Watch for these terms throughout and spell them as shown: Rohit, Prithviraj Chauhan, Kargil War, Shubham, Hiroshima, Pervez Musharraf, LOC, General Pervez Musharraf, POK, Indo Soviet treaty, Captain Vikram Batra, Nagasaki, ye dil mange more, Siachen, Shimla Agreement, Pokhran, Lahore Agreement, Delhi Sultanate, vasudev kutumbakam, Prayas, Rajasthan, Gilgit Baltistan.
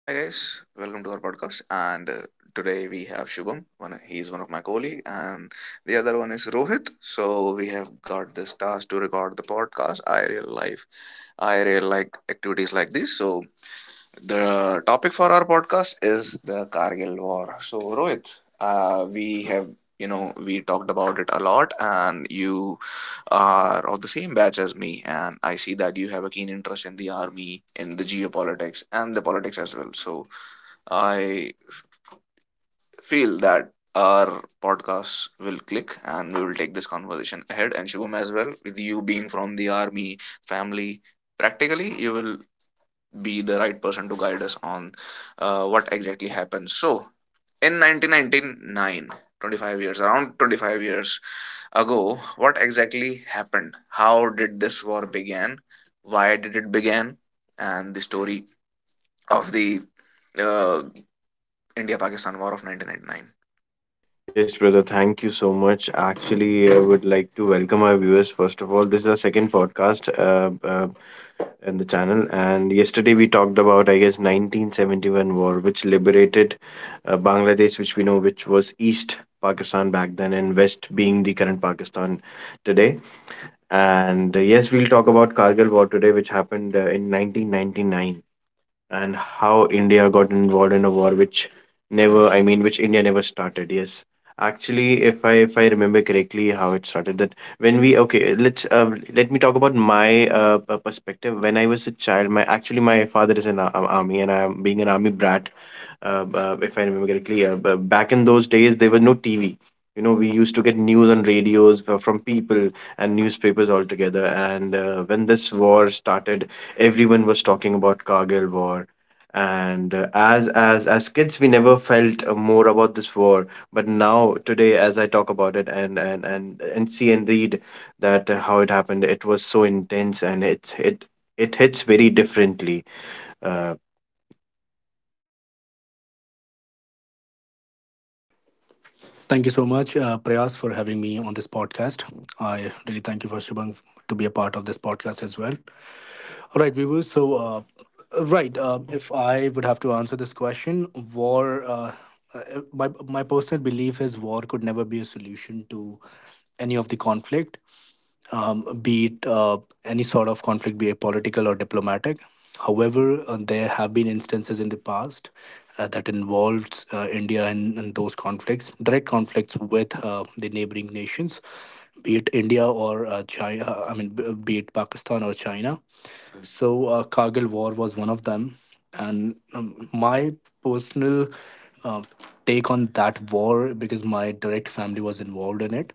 Hi guys, welcome to our podcast. And today we have Shubham. He is one of my colleague, and the other one is Rohit. So we have got this task to record the podcast. I real like activities like this. So the topic for our podcast is the Kargil War. So, Rohit, we have, you know, we talked about it a lot, and you are of the same batch as me, and I see that you have a keen interest in the army, in the geopolitics, and the politics as well. So, I feel that our podcast will click and we will take this conversation ahead. And Shubham as well, with you being from the army family, practically you will be the right person to guide us on what exactly happened. So, in 1999, around 25 years ago, what exactly happened? How did this war began? Why did it begin? And the story of the uh, India-Pakistan War of 1999. Yes, brother, thank you so much. Actually, I would like to welcome our viewers. First of all, this is our second podcast in the channel. And yesterday we talked about, I guess, 1971 war, which liberated Bangladesh, which we know, which was East Pakistan back then, and West being the current Pakistan today. And Yes, we'll talk about Kargil war today, which happened in 1999, and how India got involved in a war which never, I mean, which India never started. Yes, actually, if I remember correctly, how it started that when we, okay, let me talk about my perspective. When I was a child, my actually my father is an army, and I'm being an army brat, if I remember correctly, back in those days, there was no TV. You know, we used to get news on radios from people and newspapers altogether. And when this war started, everyone was talking about Kargil war. And as kids, we never felt more about this war. But now, today, as I talk about it and see and read that how it happened, it was so intense, and it hits very differently. Uh, Thank you so much, Prayas, for having me on this podcast. I really thank you for Shubham to be a part of this podcast as well. All right, viewers. If I would have to answer this question, war. My personal belief is war could never be a solution to any of the conflict, be it any sort of conflict, be it political or diplomatic. However, there have been instances in the past that involved India in those conflicts, direct conflicts with the neighboring nations, be it India or China, be it Pakistan or China. Kargil War was one of them. And my personal uh, take on that war, because my direct family was involved in it,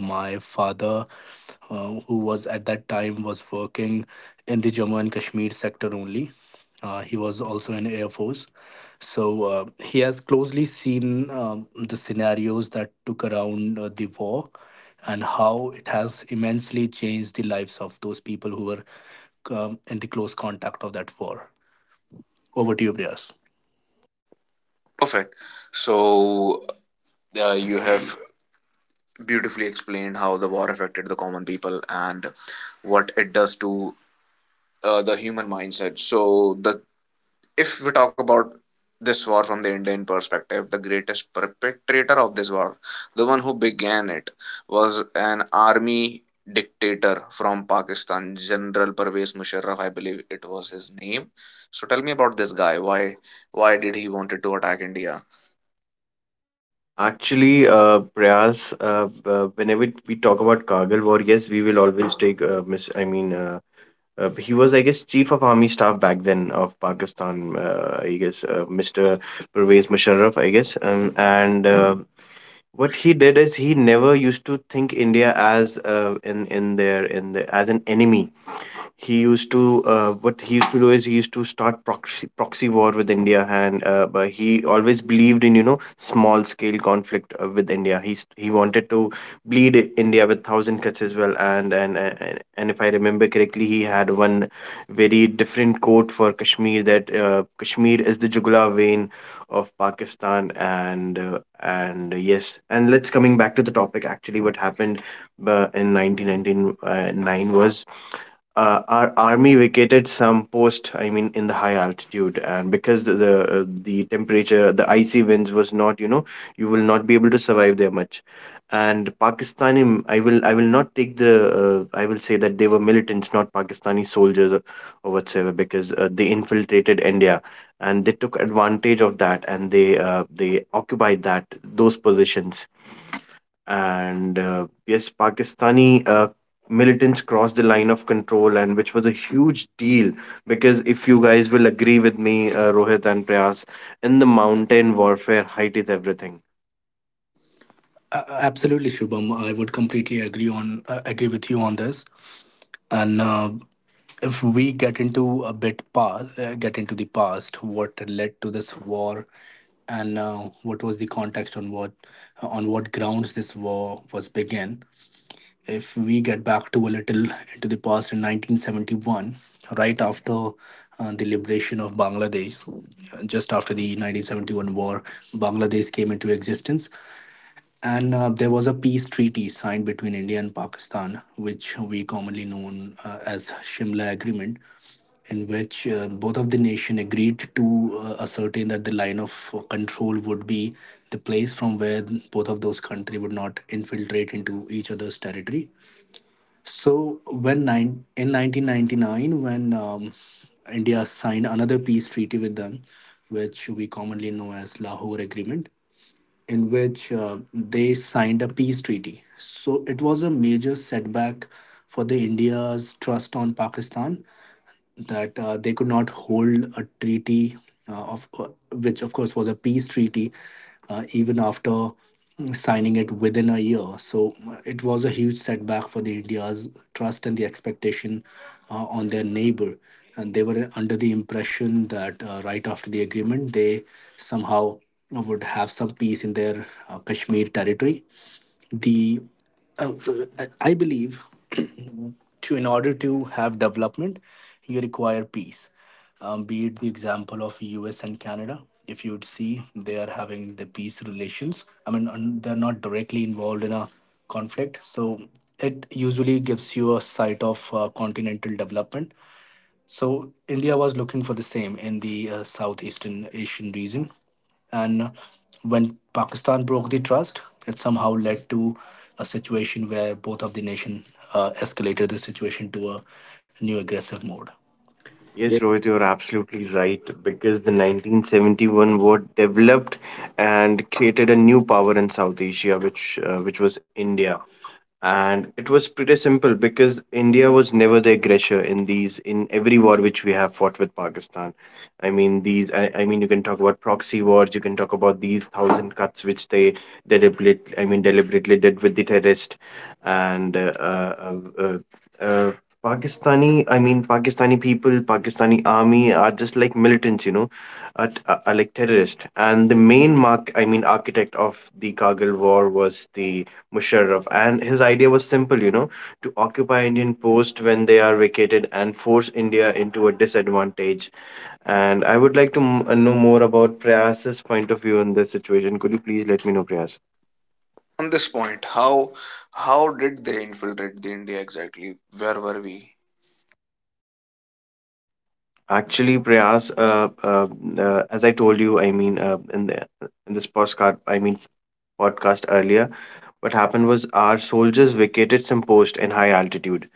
my father, who was at that time was working in the Jammu and Kashmir sector only. He was also in Air Force, so he has closely seen the scenarios that took around the war and how it has immensely changed the lives of those people who were in the close contact of that war. Over to you, Priyas. Perfect. So, you have beautifully explained how the war affected the common people and what it does to the human mindset. So, the if we talk about this war from the Indian perspective, the greatest perpetrator of this war, the one who began it, was an army dictator from Pakistan, General Pervez Musharraf, I believe it was his name. So tell me about this guy. Why did he wanted to attack India? Actually, Prayas, whenever we talk about Kargil war, yes, we will always take he was, I guess, chief of army staff back then of Pakistan. I guess, Mr. Pervez Musharraf. I guess, and what he did is he never used to think India as in their in the, as an enemy. He used to what he used to do is he used to start proxy war with India, and but he always believed in, you know, small scale conflict with India. He wanted to bleed India with thousand cuts as well, and if I remember correctly, he had one very different quote for Kashmir, that Kashmir is the jugular vein of Pakistan, and yes, and let's coming back to the topic. Actually, what happened in 1999 was our army vacated some post, I mean, in the high altitude, and because the temperature, the icy winds was, not you know, you will not be able to survive there much. And Pakistani I will not take the I will say that they were militants, not Pakistani soldiers or whatsoever, because they infiltrated India and they took advantage of that, and they occupied that those positions. And yes, Pakistani militants crossed the Line of Control, and which was a huge deal, because if you guys will agree with me, Rohit and Prayas, in the mountain warfare, height is everything. A- Absolutely, Shubham. I would completely agree on agree with you on this. And if we get into a bit past, get into the past, what led to this war, and what was the context on what grounds this war was began. If we get back to a little into the past in 1971, right after the liberation of Bangladesh, just after the 1971 war, Bangladesh came into existence, and there was a peace treaty signed between India and Pakistan, which we commonly known as Shimla Agreement, in which both of the nation agreed to ascertain that the line of control would be the place from where both of those country would not infiltrate into each other's territory. In 1999, when India signed another peace treaty with them, which we commonly know as Lahore Agreement, in which they signed a peace treaty. So it was a major setback for the India's trust on Pakistan, that they could not hold a treaty of which of course was a peace treaty, even after signing it within a year. So it was a huge setback for the India's trust and the expectation on their neighbor, and they were under the impression that right after the agreement they somehow would have some peace in their Kashmir territory. The uh, I believe to in order to have development, you require peace. Be it the example of U.S. and Canada, if you would see, they are having the peace relations. They're not directly involved in a conflict, so it usually gives you a sight of continental development. So India was looking for the same in the Southeastern Asian region, and when Pakistan broke the trust, it somehow led to a situation where both of the nation escalated the situation to a new aggressive mode. Yes, Rohit, you're absolutely right, because the 1971 war developed and created a new power in South Asia, which was India. And it was pretty simple, because India was never the aggressor in these, in every war which we have fought with Pakistan. I mean you can talk about proxy wars, you can talk about these thousand cuts which they deliberately did with the terrorist. And uh, uh, uh, Pakistani I mean Pakistani people, Pakistani army are just like militants, you know, are like terrorists. And the main mark I mean architect of the Kargil war was the Musharraf, and his idea was simple, you know, to occupy Indian posts when they are vacated and force India into a disadvantage. And I would like to know more about Prayas's point of view on this situation. Could you please let me know, Prayas? On this point, how did they infiltrate the India exactly? Where were we? Actually, Prayas, as I told you, I mean, in the, in this podcast, I mean podcast earlier, what happened was our soldiers vacated some post in high altitude,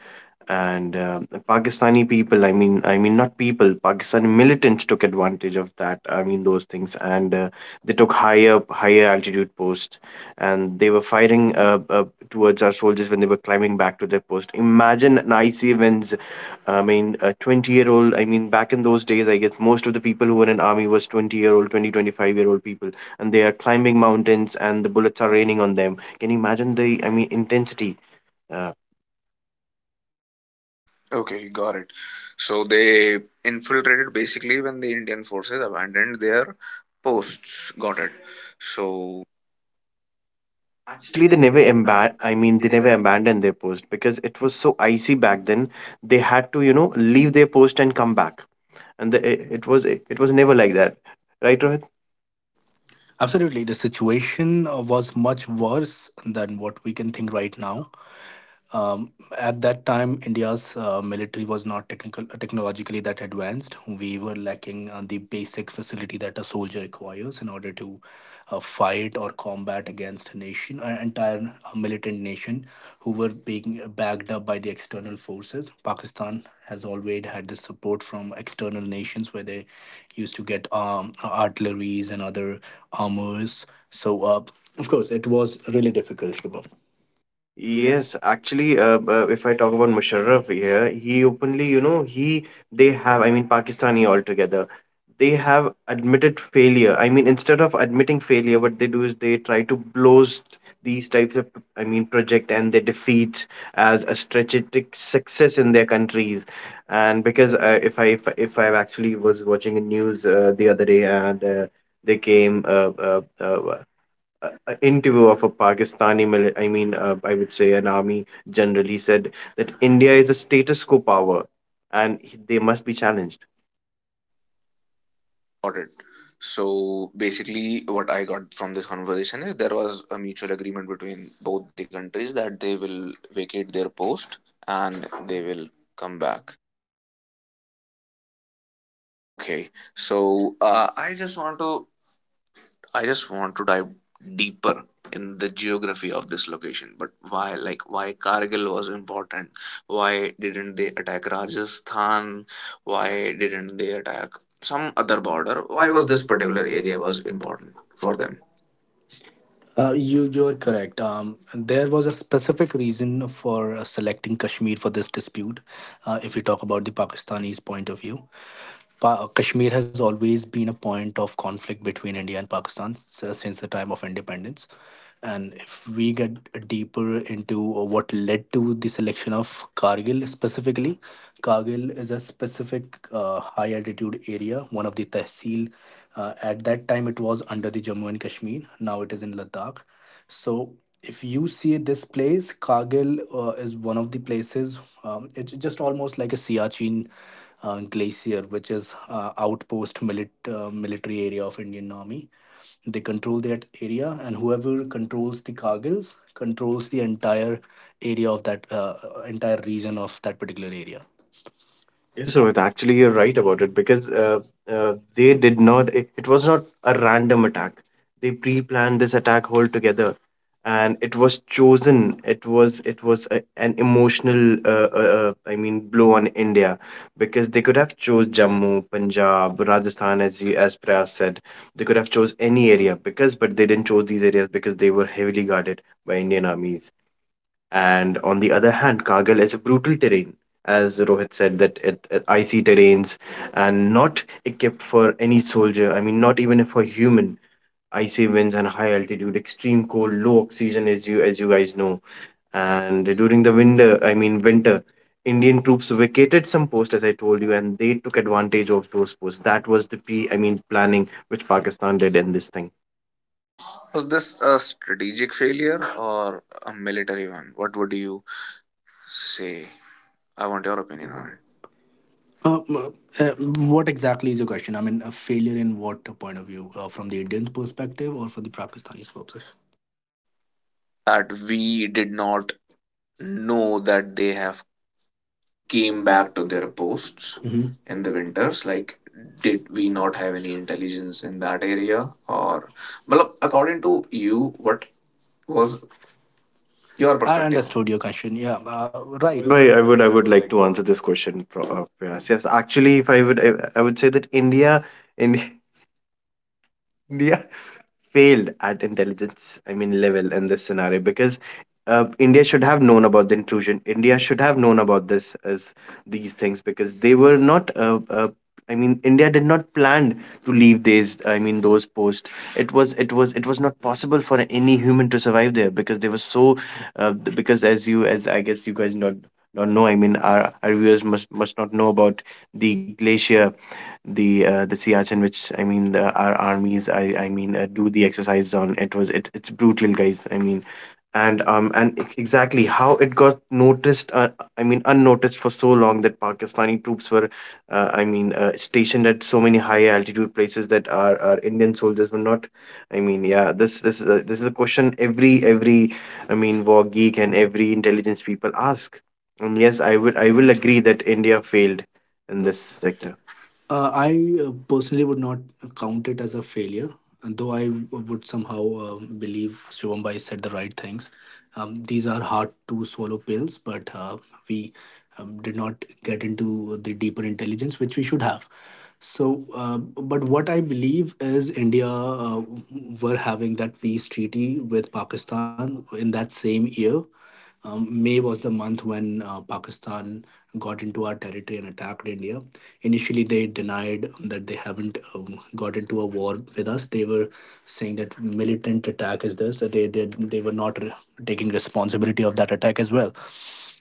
and Pakistani people I mean not people, Pakistani militants took advantage of that, I mean, those things. And they took higher altitude posts, and they were firing towards our soldiers when they were climbing back to their post. Imagine an icy winds, I mean, a 20-year old, I mean, back in those days, I guess most of the people who were in army was 20-year old, 20 25 year old people, and they are climbing mountains and the bullets are raining on them. Can you imagine the, I mean, intensity? uh, Okay, got it. So they infiltrated basically when the Indian forces abandoned their posts. Got it. So Actually, Actually, they they never never embarrassed. emba I I mean, mean, they they never never. abandoned their post, because it was so icy back then. They had to, you know, leave their post and come back. It, it was never like that, right, Rohit? Absolutely, the situation was much worse than what we can think right now. Um, at that time, India's military was not technical, technologically that advanced. We were lacking the basic facility that a soldier requires in order to fight or combat against a nation, an entire militant nation who were being backed up by the external forces. Pakistan has always had this support from external nations where they used to get artilleries and other armors. So, uh, of course, it was really difficult, Shubham. Yes. Yes, actually, if I talk about Musharraf here, he openly, you know, he, they have, I mean, Pakistani altogether, they have admitted failure. I mean, instead of admitting failure, what they do is they try to boast these types of, I mean, project and their defeats as a strategic success in their countries. And because if I actually was watching a news the other day, and they came a interview of a Pakistani, I would say an army general, he said that India is a status quo power and they must be challenged. Got it. So basically, what I got from this conversation is there was a mutual agreement between both the countries that they will vacate their post and they will come back. Okay, so, I just want to dive deeper in the geography of this location. But why, like, why Kargil was important? Why didn't they attack Rajasthan? Why didn't they attack some other border? Why Why was was this this particular particular area area was was important important for for them? them? You are correct. There was a specific reason for selecting Kashmir for this dispute. If we talk about the Pakistanis' point of view, Kashmir has always been a point of conflict between India and Pakistan since the time of independence. And if we get deeper into what led to the selection of Kargil specifically, Kargil is a specific high altitude area, one of the tehsil. At that time, it was under the Jammu and Kashmir. Now it is in Ladakh. So if you see this place, Kargil is one of the places. It's just almost like a Siachen glacier, which is military area of Indian Army. They control that area, and whoever controls the cargills controls the entire area of that entire region of that particular area. Yes, Rohit, actually, you're right about it, because they did not, it was not a random attack. They pre-planned this attack altogether, and it was chosen. It was a, an emotional, blow on India, because they could have chose Jammu, Punjab, Rajasthan, as you, as Prayas said. They could have chose any area because, but they didn't chose these areas because they were heavily guarded by Indian armies. And on the other hand, Kargil is a brutal terrain, as Rohit said, that it icy terrains and not equipped for any soldier. I mean, not even for human. Icy winds and high altitude, extreme cold, low oxygen, as you, as you guys know. And during the winter, I mean winter, Indian troops vacated some posts, as I told you, and they took advantage of those posts. That was the pre, I mean, planning which Pakistan did in this thing. Was this a strategic failure or a military one? What would you say? I want your Open opinion your on it. heart. uh, uh, what exactly is your question? I mean, a failure in what point of view? From the Indian perspective or from the Pakistani's perspective? That we did not know that they have Came came back back to to their their posts. posts Mhm. in In the the winters, winters, like, like, did did we we not not have have any any intelligence intelligence in in that that area, area? or Or, well well, according according to to you you, what what was was your your I perspective. perspective? Understood your question. Yeah, right. Rohit Rohit bhai, bhai, I would I I would would like like to to answer answer this question. Yes, yes. Actually, if I would, I would say that India, in, India failed at intelligence, I mean, level in this scenario, because India should have known about the intrusion, India should have known about this as these things, because they were not I mean, India did not plan to leave these I mean those posts. It was not possible for any human to survive there because they were so because, as you, as I guess, you guys not don't know, I mean, our viewers must not know about the glacier, the Siachen, which I mean, the, our armies, do the exercises on. It was, it it's brutal, guys. I mean, and exactly how it got noticed. I mean, unnoticed for so long, that Pakistani troops were, stationed at so many high altitude places that our Indian soldiers were not. I mean, yeah, this is a question every, I mean, war geek and every intelligence people ask. And yes, I will agree that India failed in in this this sector. sector. I personally would not count it as a failure, and though would somehow believe Shivam Bhai said the right things. These are hard to swallow pills, but we did not get into the deeper intelligence which we should have. But what I believe is India were having that peace treaty with Pakistan in that same year. May was the month when Pakistan got into our territory and attacked India. Initially, they denied that they haven't got into a war with us. They were saying that militant attack is this. That they were not taking responsibility of that attack as well.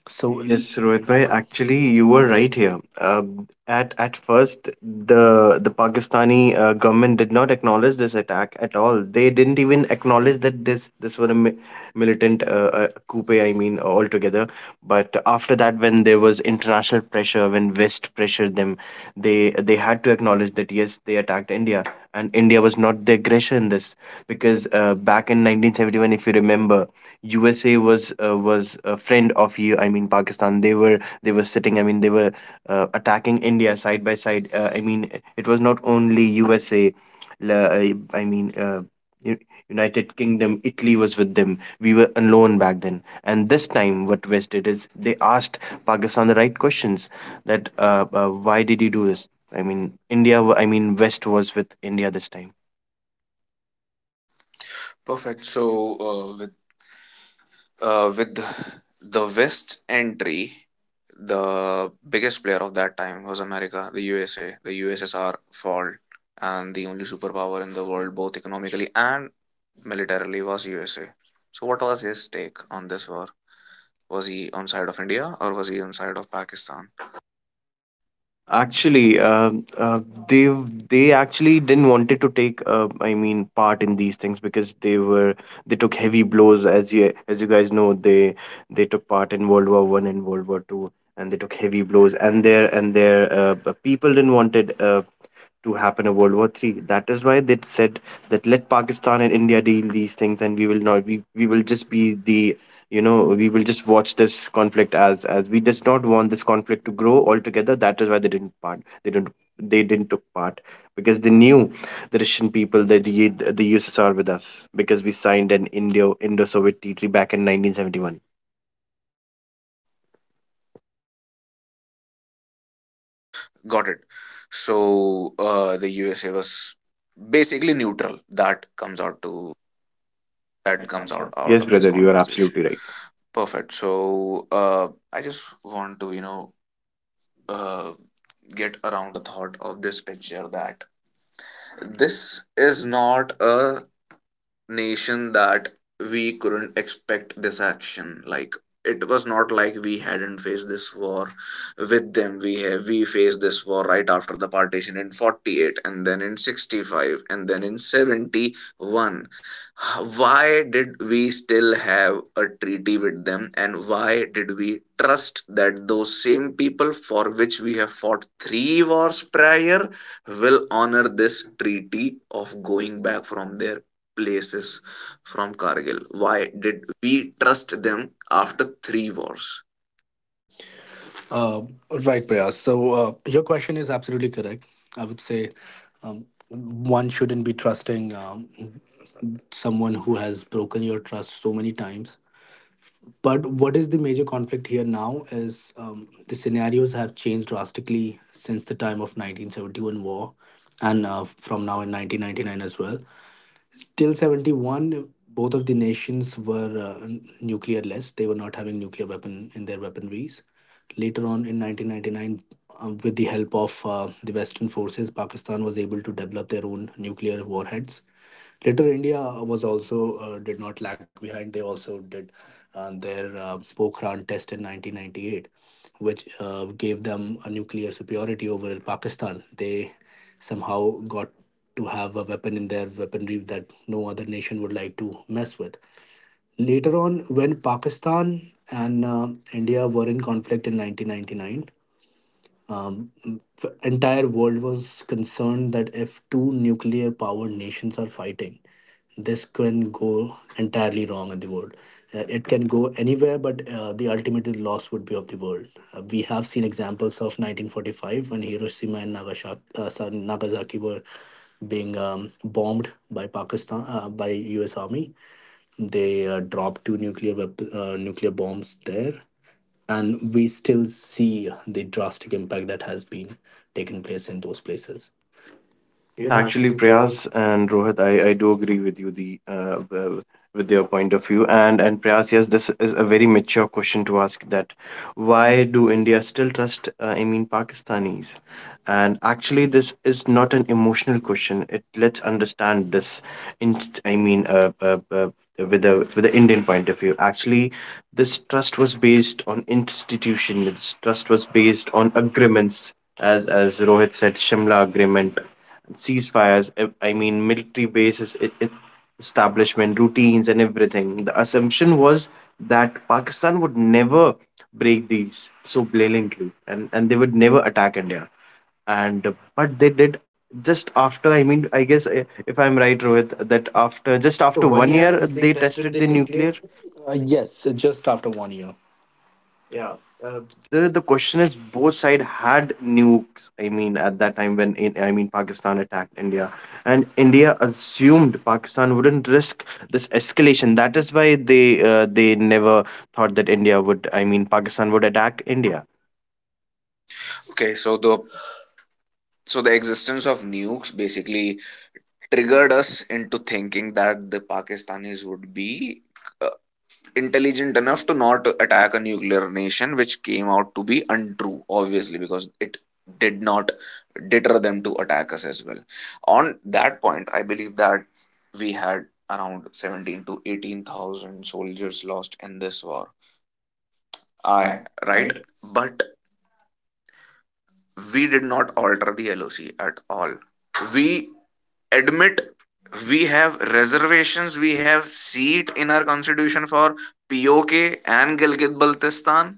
So yes, Yes, Rohit Rohit bhai, bhai, actually, actually you you were were right right here. here. At first, the Pakistani government did not acknowledge this attack at all. They didn't even acknowledge that this were a mi militant coup, I mean, altogether. But after that, when there was international pressure, when West pressured them, they had to acknowledge that yes, they attacked India, and India was not the aggressor in this, because back in 1971, if you remember, USA was a friend of you. I mean, Pakistan. They were sitting. I mean, they were attacking India side by side. I mean, it was not only USA. la- I I mean. Uh, U- United Kingdom, Italy was with them. We were alone back then. And this time, what West did is they asked Pakistan the right questions, that why did you do this? I mean, India. I mean, West was with India this time. Perfect. So, uh, with with the west entry, the biggest player of that time was America, the USA, the USSR fall, and the only superpower in the world, both economically and militarily, was USA. So what was his take on this war? Was he on side of India or was he on side of Pakistan? Actually, they they actually didn't wanted to take. I mean, part in these things because they were, they took heavy blows. As you guys know, they took part in World War One and World War Two, and they took heavy blows. And their people didn't wanted to happen a World War Three. That is why they said that let Pakistan and India deal these things, and we will not. We will just be the we will just watch this conflict as we does not want this conflict to grow altogether. That is why they didn't part. They didn't took part because they knew the Russian people that the USSR with us because we signed an Indo Soviet treaty back in 1971. Got it. So, the USA was basically neutral. That That comes comes out. out. Yes, Yes, of this. Yes, brother, you are conversation. absolutely Yes, right. conversation. Perfect. So, I just want to, uh, get around the thought of this picture, that this is not a nation that we couldn't expect this action, like, it was not like we hadn't faced this war with them. We faced this war right after the partition in 48, and then in 65, and then in 71. Why did we still have a treaty with them, and why did we trust that those same people, for which we have fought three wars prior, will honor this treaty of going back from their places, from Kargil? Why did we trust them after three wars? Uh, right, Prayas. So your question is absolutely correct. I would say one shouldn't be trusting someone who has broken your trust so many times. But what is the major conflict here now is, the scenarios have changed drastically since the time of 1971 war, and from now in 1999 as well. Till 71, both of the nations were nuclearless. They were not having nuclear weapon in their weaponries. Later on in 1999, with the help of the western forces, Pakistan was able to develop their own nuclear warheads. Later, India was also, did not lag behind. They also did their Pokhran test in 1998, which gave them a nuclear superiority over Pakistan. They somehow got to have a weapon in their weaponry that no other nation would like to mess with. Later on, when Pakistan and India were in conflict in 1999, um, the entire world was concerned that if two nuclear power nations are fighting, this can go entirely wrong in the world. It can go anywhere, but the ultimate loss would be of the world. We have seen examples of 1945 when Hiroshima and Nagasaki, Nagasaki were being bombed by Pakistan by U.S. Army. They dropped two nuclear bombs there, and we still see the drastic impact that has been taken place in those places. Yes, Yes, actually, actually, Prayas. Prayas and Rohit, I do agree with you with your point of view. And Prayas, yes, this is a very mature question to ask that why do India still trust, Pakistanis? And actually, this is not an emotional question. It let's understand this in, I mean, uh, uh, uh, with a with the Indian point of view. Actually, this trust was based on institution. This trust was based on agreements, as Rohit said, Shimla Agreement ceasefires, military bases, establishment, routines, and everything. The assumption was that Pakistan would never break these so blatantly, and they would never attack India. And But they did just after. I guess if I'm right, Rohit, that after Just just after after one one year, year, they they tested tested the the nuclear. nuclear. Yes, just after 1 year. Yeah. Uh, The question is both side had nukes. I mean at that time when in, I mean Pakistan attacked India and India assumed Pakistan wouldn't risk this escalation. That is why they never thought that india would I mean pakistan would attack India. Okay, so the existence of nukes basically triggered us into thinking that the Pakistanis would be uh, intelligent enough to not attack a nuclear nation, which came out to be untrue, obviously, because it did not deter them to attack us as well. On that point, I believe that we had around 17 to 18,000 soldiers lost in this war. I Right? But we did not alter the LOC at all. We admit we have reservations, we have seat in our constitution for POK and Gilgit Baltistan.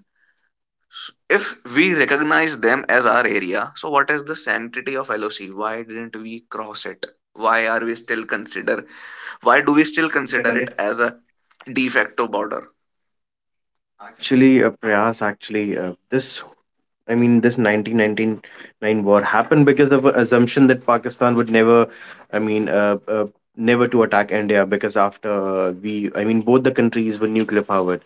If we recognize them as our area, so what is the sanctity of LOC? Why didn't we cross it? Why are we still consider? Why do we We still still consider consider it it. as a de facto border? Actually prayas actually this I mean, this 1999 war happened because of an assumption that Pakistan would never, I mean, uh, uh, never to attack India, because after both the countries were nuclear powered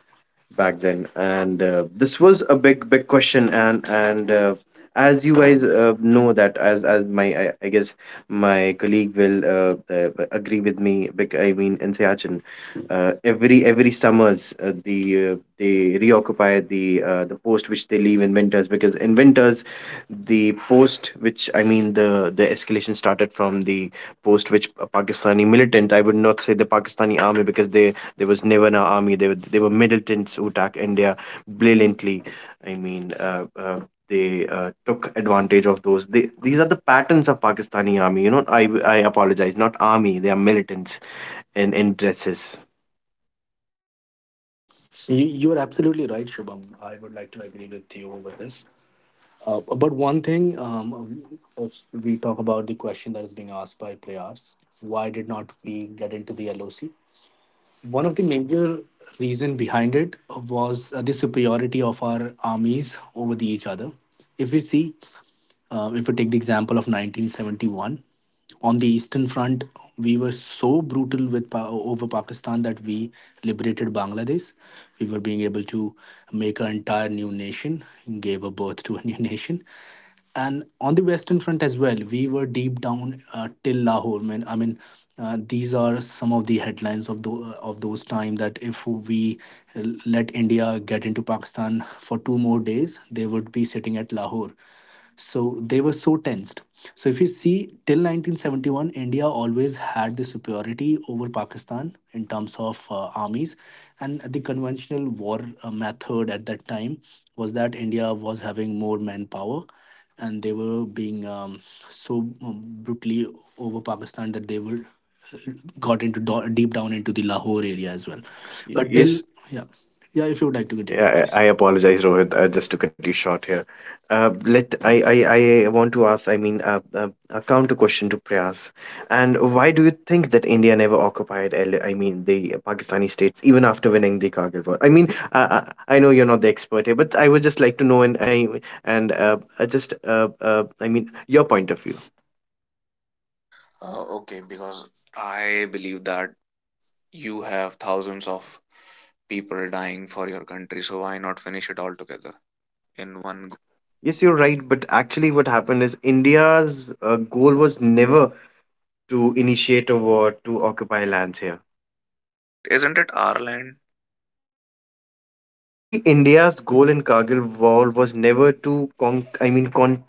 back then, and this was a big, big question. And As you guys know that, as I guess my colleague will agree with me. In Siachen, every summers, they reoccupy the post which they leave in winters, because in winters, the post which the escalation started from the post which a Pakistani militant. I would not say the Pakistani army, because they there was never an army. They were militants who attacked India brilliantly. I mean. They Took advantage of those. These are the patterns of Pakistani army. You know, I apologize, not army. They are militants in dresses. You, you're absolutely right, Shubham. I would like to agree with you over this. But one thing, if we talk about the question that is being asked by Prayas: why did not we get into the LOC? One of the major reason behind it was the superiority of our armies over the each other. If we see, if we take the example of 1971, on the Eastern Front, we were so brutal with over Pakistan that we liberated Bangladesh. We were being able to make an entire new nation, gave a birth to a new nation. And on the Western Front as well, we were deep down till Lahore. Man, I mean, these are some of the headlines of the of those time that if we let India get into Pakistan for two more days, they would be sitting at Lahore, so they were so tensed. So if you see, till 1971, India always had the superiority over Pakistan in terms of armies, and the conventional war method at that time was that India was having more manpower, and they were being brutally over Pakistan that they were uh, deep down into the Lahore area as well. But till, Yes, yeah, yeah, if you would like to continue. Yeah, I, please. I I apologize, apologize, Rohit, Rohit. I just just to cut you short here. Let I want to ask, a counter question to Prayas. And why do you think that India never occupied, the Pakistani states even after winning the Kargil War? I know you're not the expert here, but I would just like to know, and I and just I mean, your point of view. Okay, because I believe that you have thousands of people dying for your country, so why not finish it all together in one go? Yes, you're right, but actually, what happened is India's goal was never to initiate a war to occupy lands here. But isn't it our land? Actually, India's goal in Kargil War was never to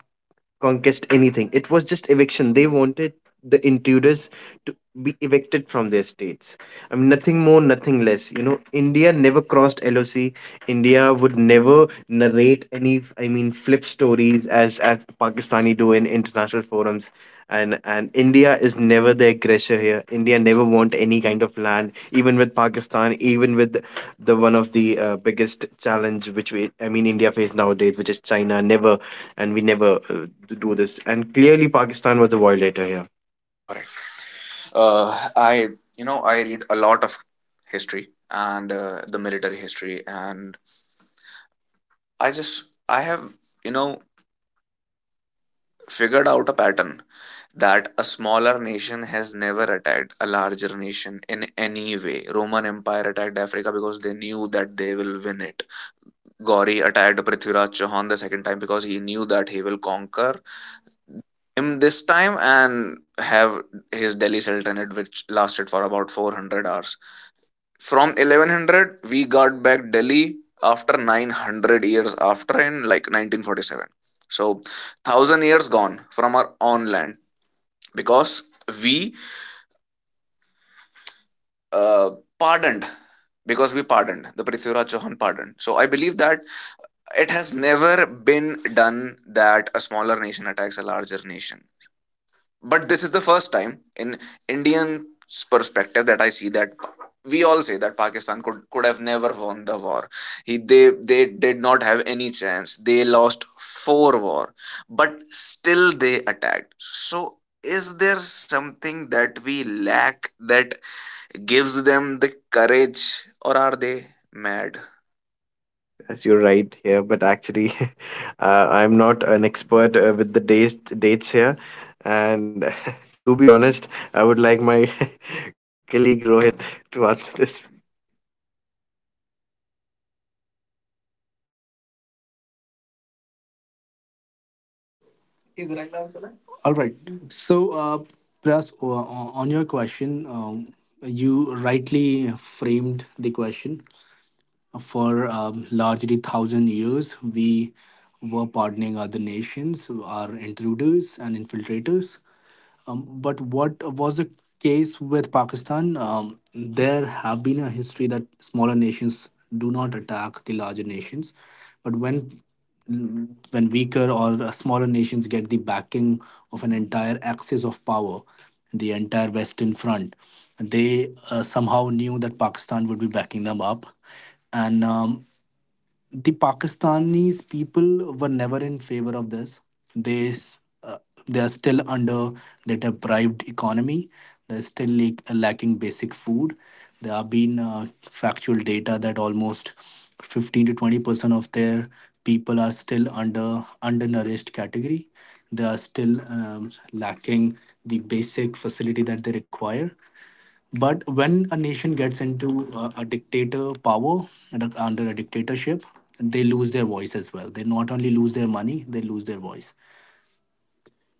conquest anything. It was just eviction. They wanted the intruders to be evicted from their states. I mean, nothing more, nothing less. You know, India never crossed LOC. India would never narrate any, flip stories as Pakistani do in international forums. And India is never the aggressor here. India never want any kind of land, even with Pakistan, even with the one of the biggest challenge which India face nowadays, which is China. Never, and we never do this. And clearly, Pakistan was a violator here, Correct. I you know I read a lot of history, and the military history, and I have you know figured out a pattern, that a smaller nation has never attacked a larger nation in any way. Roman Empire attacked Africa because they knew that they will win it. Gauri attacked Prithviraj Chauhan the second time because he knew that he will conquer him this time and have his Delhi Sultanate, which lasted for about 400 hours. From 1100, we got back Delhi after 900 years, after in like 1947. So, 1,000 years gone from our own land because we uh, pardoned pardoned, the Prithviraj Chauhan pardoned. So I believe that it has never been done that a smaller nation attacks a larger nation, but this is the first time in Indian's perspective that I see. That we all say that Pakistan could have never won the war, they did not have any chance, they lost four war, but still they attacked. So is there something that we lack that gives them the courage, or are they mad? as you're right here. But actually, I'm not an expert with the dates here. And to be honest, I would like my colleague Rohit to answer this. All right. So, uh, Pras, on your question, you rightly framed the question. For largely thousand years, we were pardoning other nations, our intruders and infiltrators. But what was the case with Pakistan? There have been a history that smaller nations do not attack the larger nations. But when weaker or smaller nations get the backing of an entire axis of power, the entire Western Front, they somehow knew that Pakistan would be backing them up, and the Pakistanis people were never in favor of this. They s- uh, they are still under the deprived economy. They're still lacking basic food. There have been factual data that almost 15 to 20% of their people are still under undernourished category. They are still lacking the basic facility that they require. But when a nation gets into a dictator power and under a dictatorship, they lose their voice as well. They not only lose their money, they lose their voice.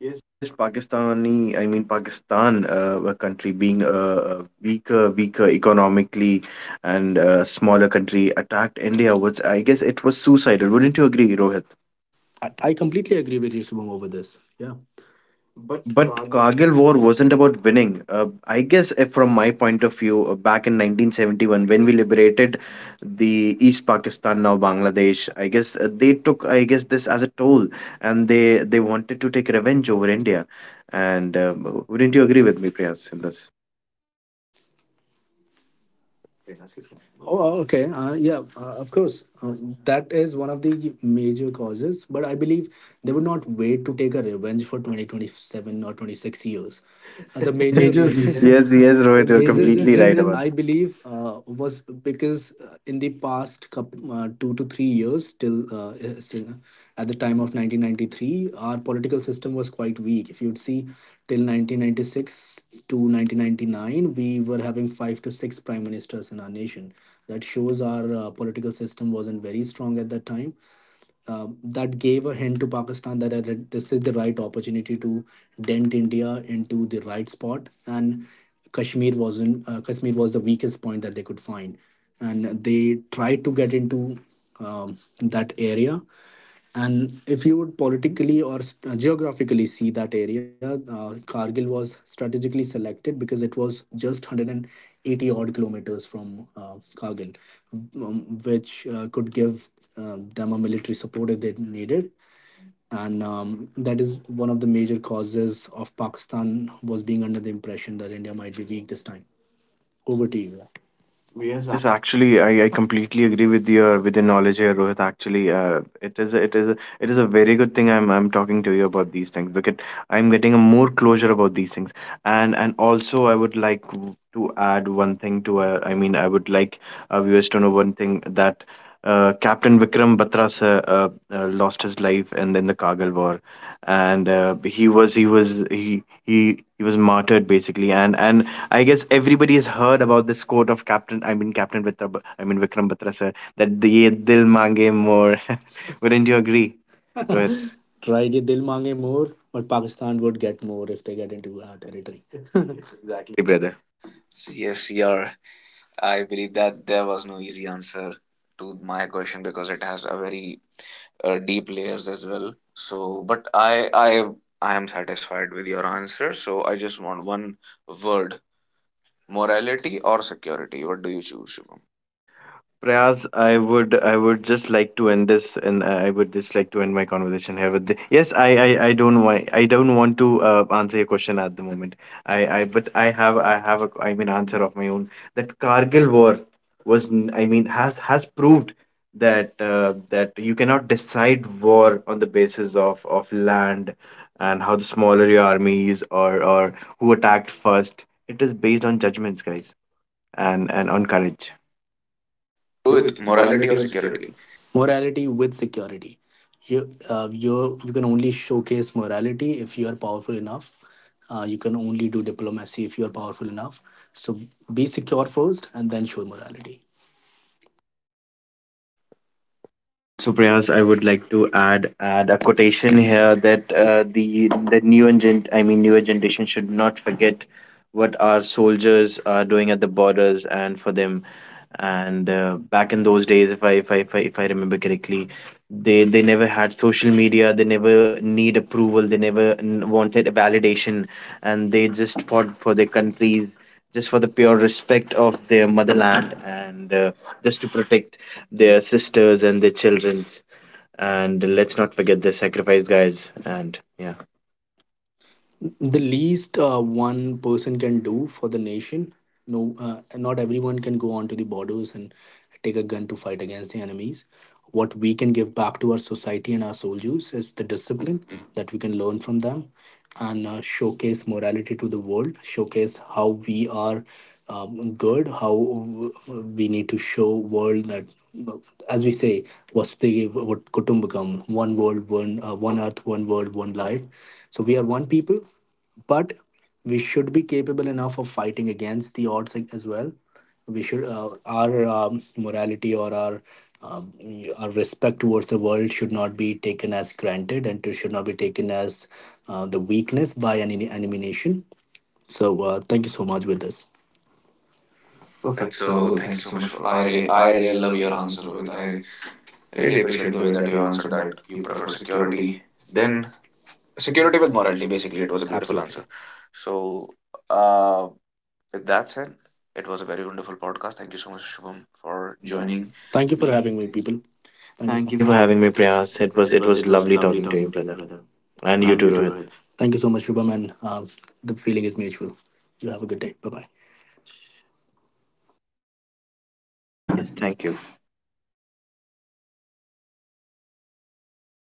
Yes, Yes, Pakistani, I mean Pakistan, a country being a weaker economically and smaller country, attacked India. Was I guess it was suicidal. Wouldn't you agree, Rohit? I completely agree with you, Shubham, over this. Yeah. But. But Kargil War wasn't about winning. I guess if from my point of view, back in 1971, when we liberated the East Pakistan, now Bangladesh, I guess they took, I guess, this as a toll, and they wanted to take revenge over India. And Wouldn't you agree with me, Priyas, in this? Wait, ask his question. Oh, okay. Yeah, of course. That is one of the major causes, but I believe they would not wait to take a revenge for 2027 or 26 years. The major reason yes, Yes, yes, yes, Rohit, you're Rohit, the you're major completely right. completely right reason about. I believe was because in the past last 2 to 3 years, till at the time of 1993, our political system was quite weak. If you'd see, till 1996 to 1999, we were having five to six prime ministers in our nation. That shows our political system wasn't very strong at that time that gave a hint to Pakistan that this is the right opportunity to dent India into the right spot. And Kashmir wasn't. Kashmir was the weakest point that they could find, and they tried to get into that area. And if you would politically or geographically see that area, Kargil was strategically selected because it was just 180 odd kilometers from Kargil, which could give them a military support if they needed. And That is one of the major causes of Pakistan was being under the impression that India might be weak this time. Over to you. Yes. Yes, actually, I completely agree with your knowledge here, Rohit. Actually, it is a very good thing I'm talking to you about these things, because I'm getting a more closure about these things. And also, I would like to add one thing to I would like our viewers to know one thing, that Captain Vikram Batra sir, lost his life in the Kargil war, and he was he was martyred basically, and I guess everybody has heard about this quote of Captain, I mean Captain Vitra, I mean Vikram Batra sir, that the ye dil mange more. Wouldn't you Agree. agree, Rohit? Right, ye dil mange more, but Pakistan would get more if they get into our territory. Exactly. Exactly, brother. Yes, you are. I believe that there was no easy answer to my question because it has a very deep layers as well. So, but I am satisfied with your answer. So I just want one word: morality or security. What do you choose, Shubham? Prayas, I would just like to end this, and I would just like to end my conversation here with the, yes, I don't want to answer your question at the moment. I have a answer of my own, that Kargil war was has proved that you cannot decide war on the basis of land, and how the smaller your army is, or who attacked first. It is based on judgments, guys, and on courage. Rohit, Rohit, morality morality or or security? security? Morality with security. You can only showcase morality if you are powerful enough. You can only do diplomacy if you are powerful enough. So be secure first, and then show morality. Also, Priyas, I would like to add a quotation here that the newer gen I mean newer generation should not forget what our soldiers are doing at the borders and for them. And Back in those days, if I remember correctly, they never had social media. They never need approval. They never wanted a validation, and they just fought for their countries just for the pure respect of their motherland, and just to protect their sisters and their childrens, and let's not forget their sacrifice, guys. And yeah, The least one person can do for the nation, no not everyone can go onto the borders and take a gun to fight against the enemies. What we can give back to our society and our soldiers is the discipline that we can learn from them, and showcase morality to the world. Showcase how we are good, how we need to show world that, as we say, vasudev what kutumbakam, one world, one earth, one world, one life. So we are one people, but we should be capable enough of fighting against the odds as well. We should uh, our um, morality or um, our respect towards the world should not be taken as granted, and it should not be taken as the weakness by an elimination. Thank you so much with this. Perfect. So So thank thank you you so so much. much For, for I re- I I really really love love your your answer, answer, Rohit. Rohit. I re- Really really appreciate appreciate the the way way that that you you answered answered that. that you You prefer prefer security, security. then Then security security with with morality, morality. basically, Basically, it it was was a a beautiful beautiful Absolutely. Answer. answer. So, uh, with that said, it was a very wonderful podcast. Thank you so much, Shubham, For for joining. joining. Thank Thank you you for for me having having me, me. people. Thank you. Thank thank you. you For- for having me, Prayas. Priyas. It was It was lovely talking to you, brother, and you too, Rohit. Thank you so much, Shubham, and the feeling is mutual. You have a good day. Bye bye. Yes, thank you.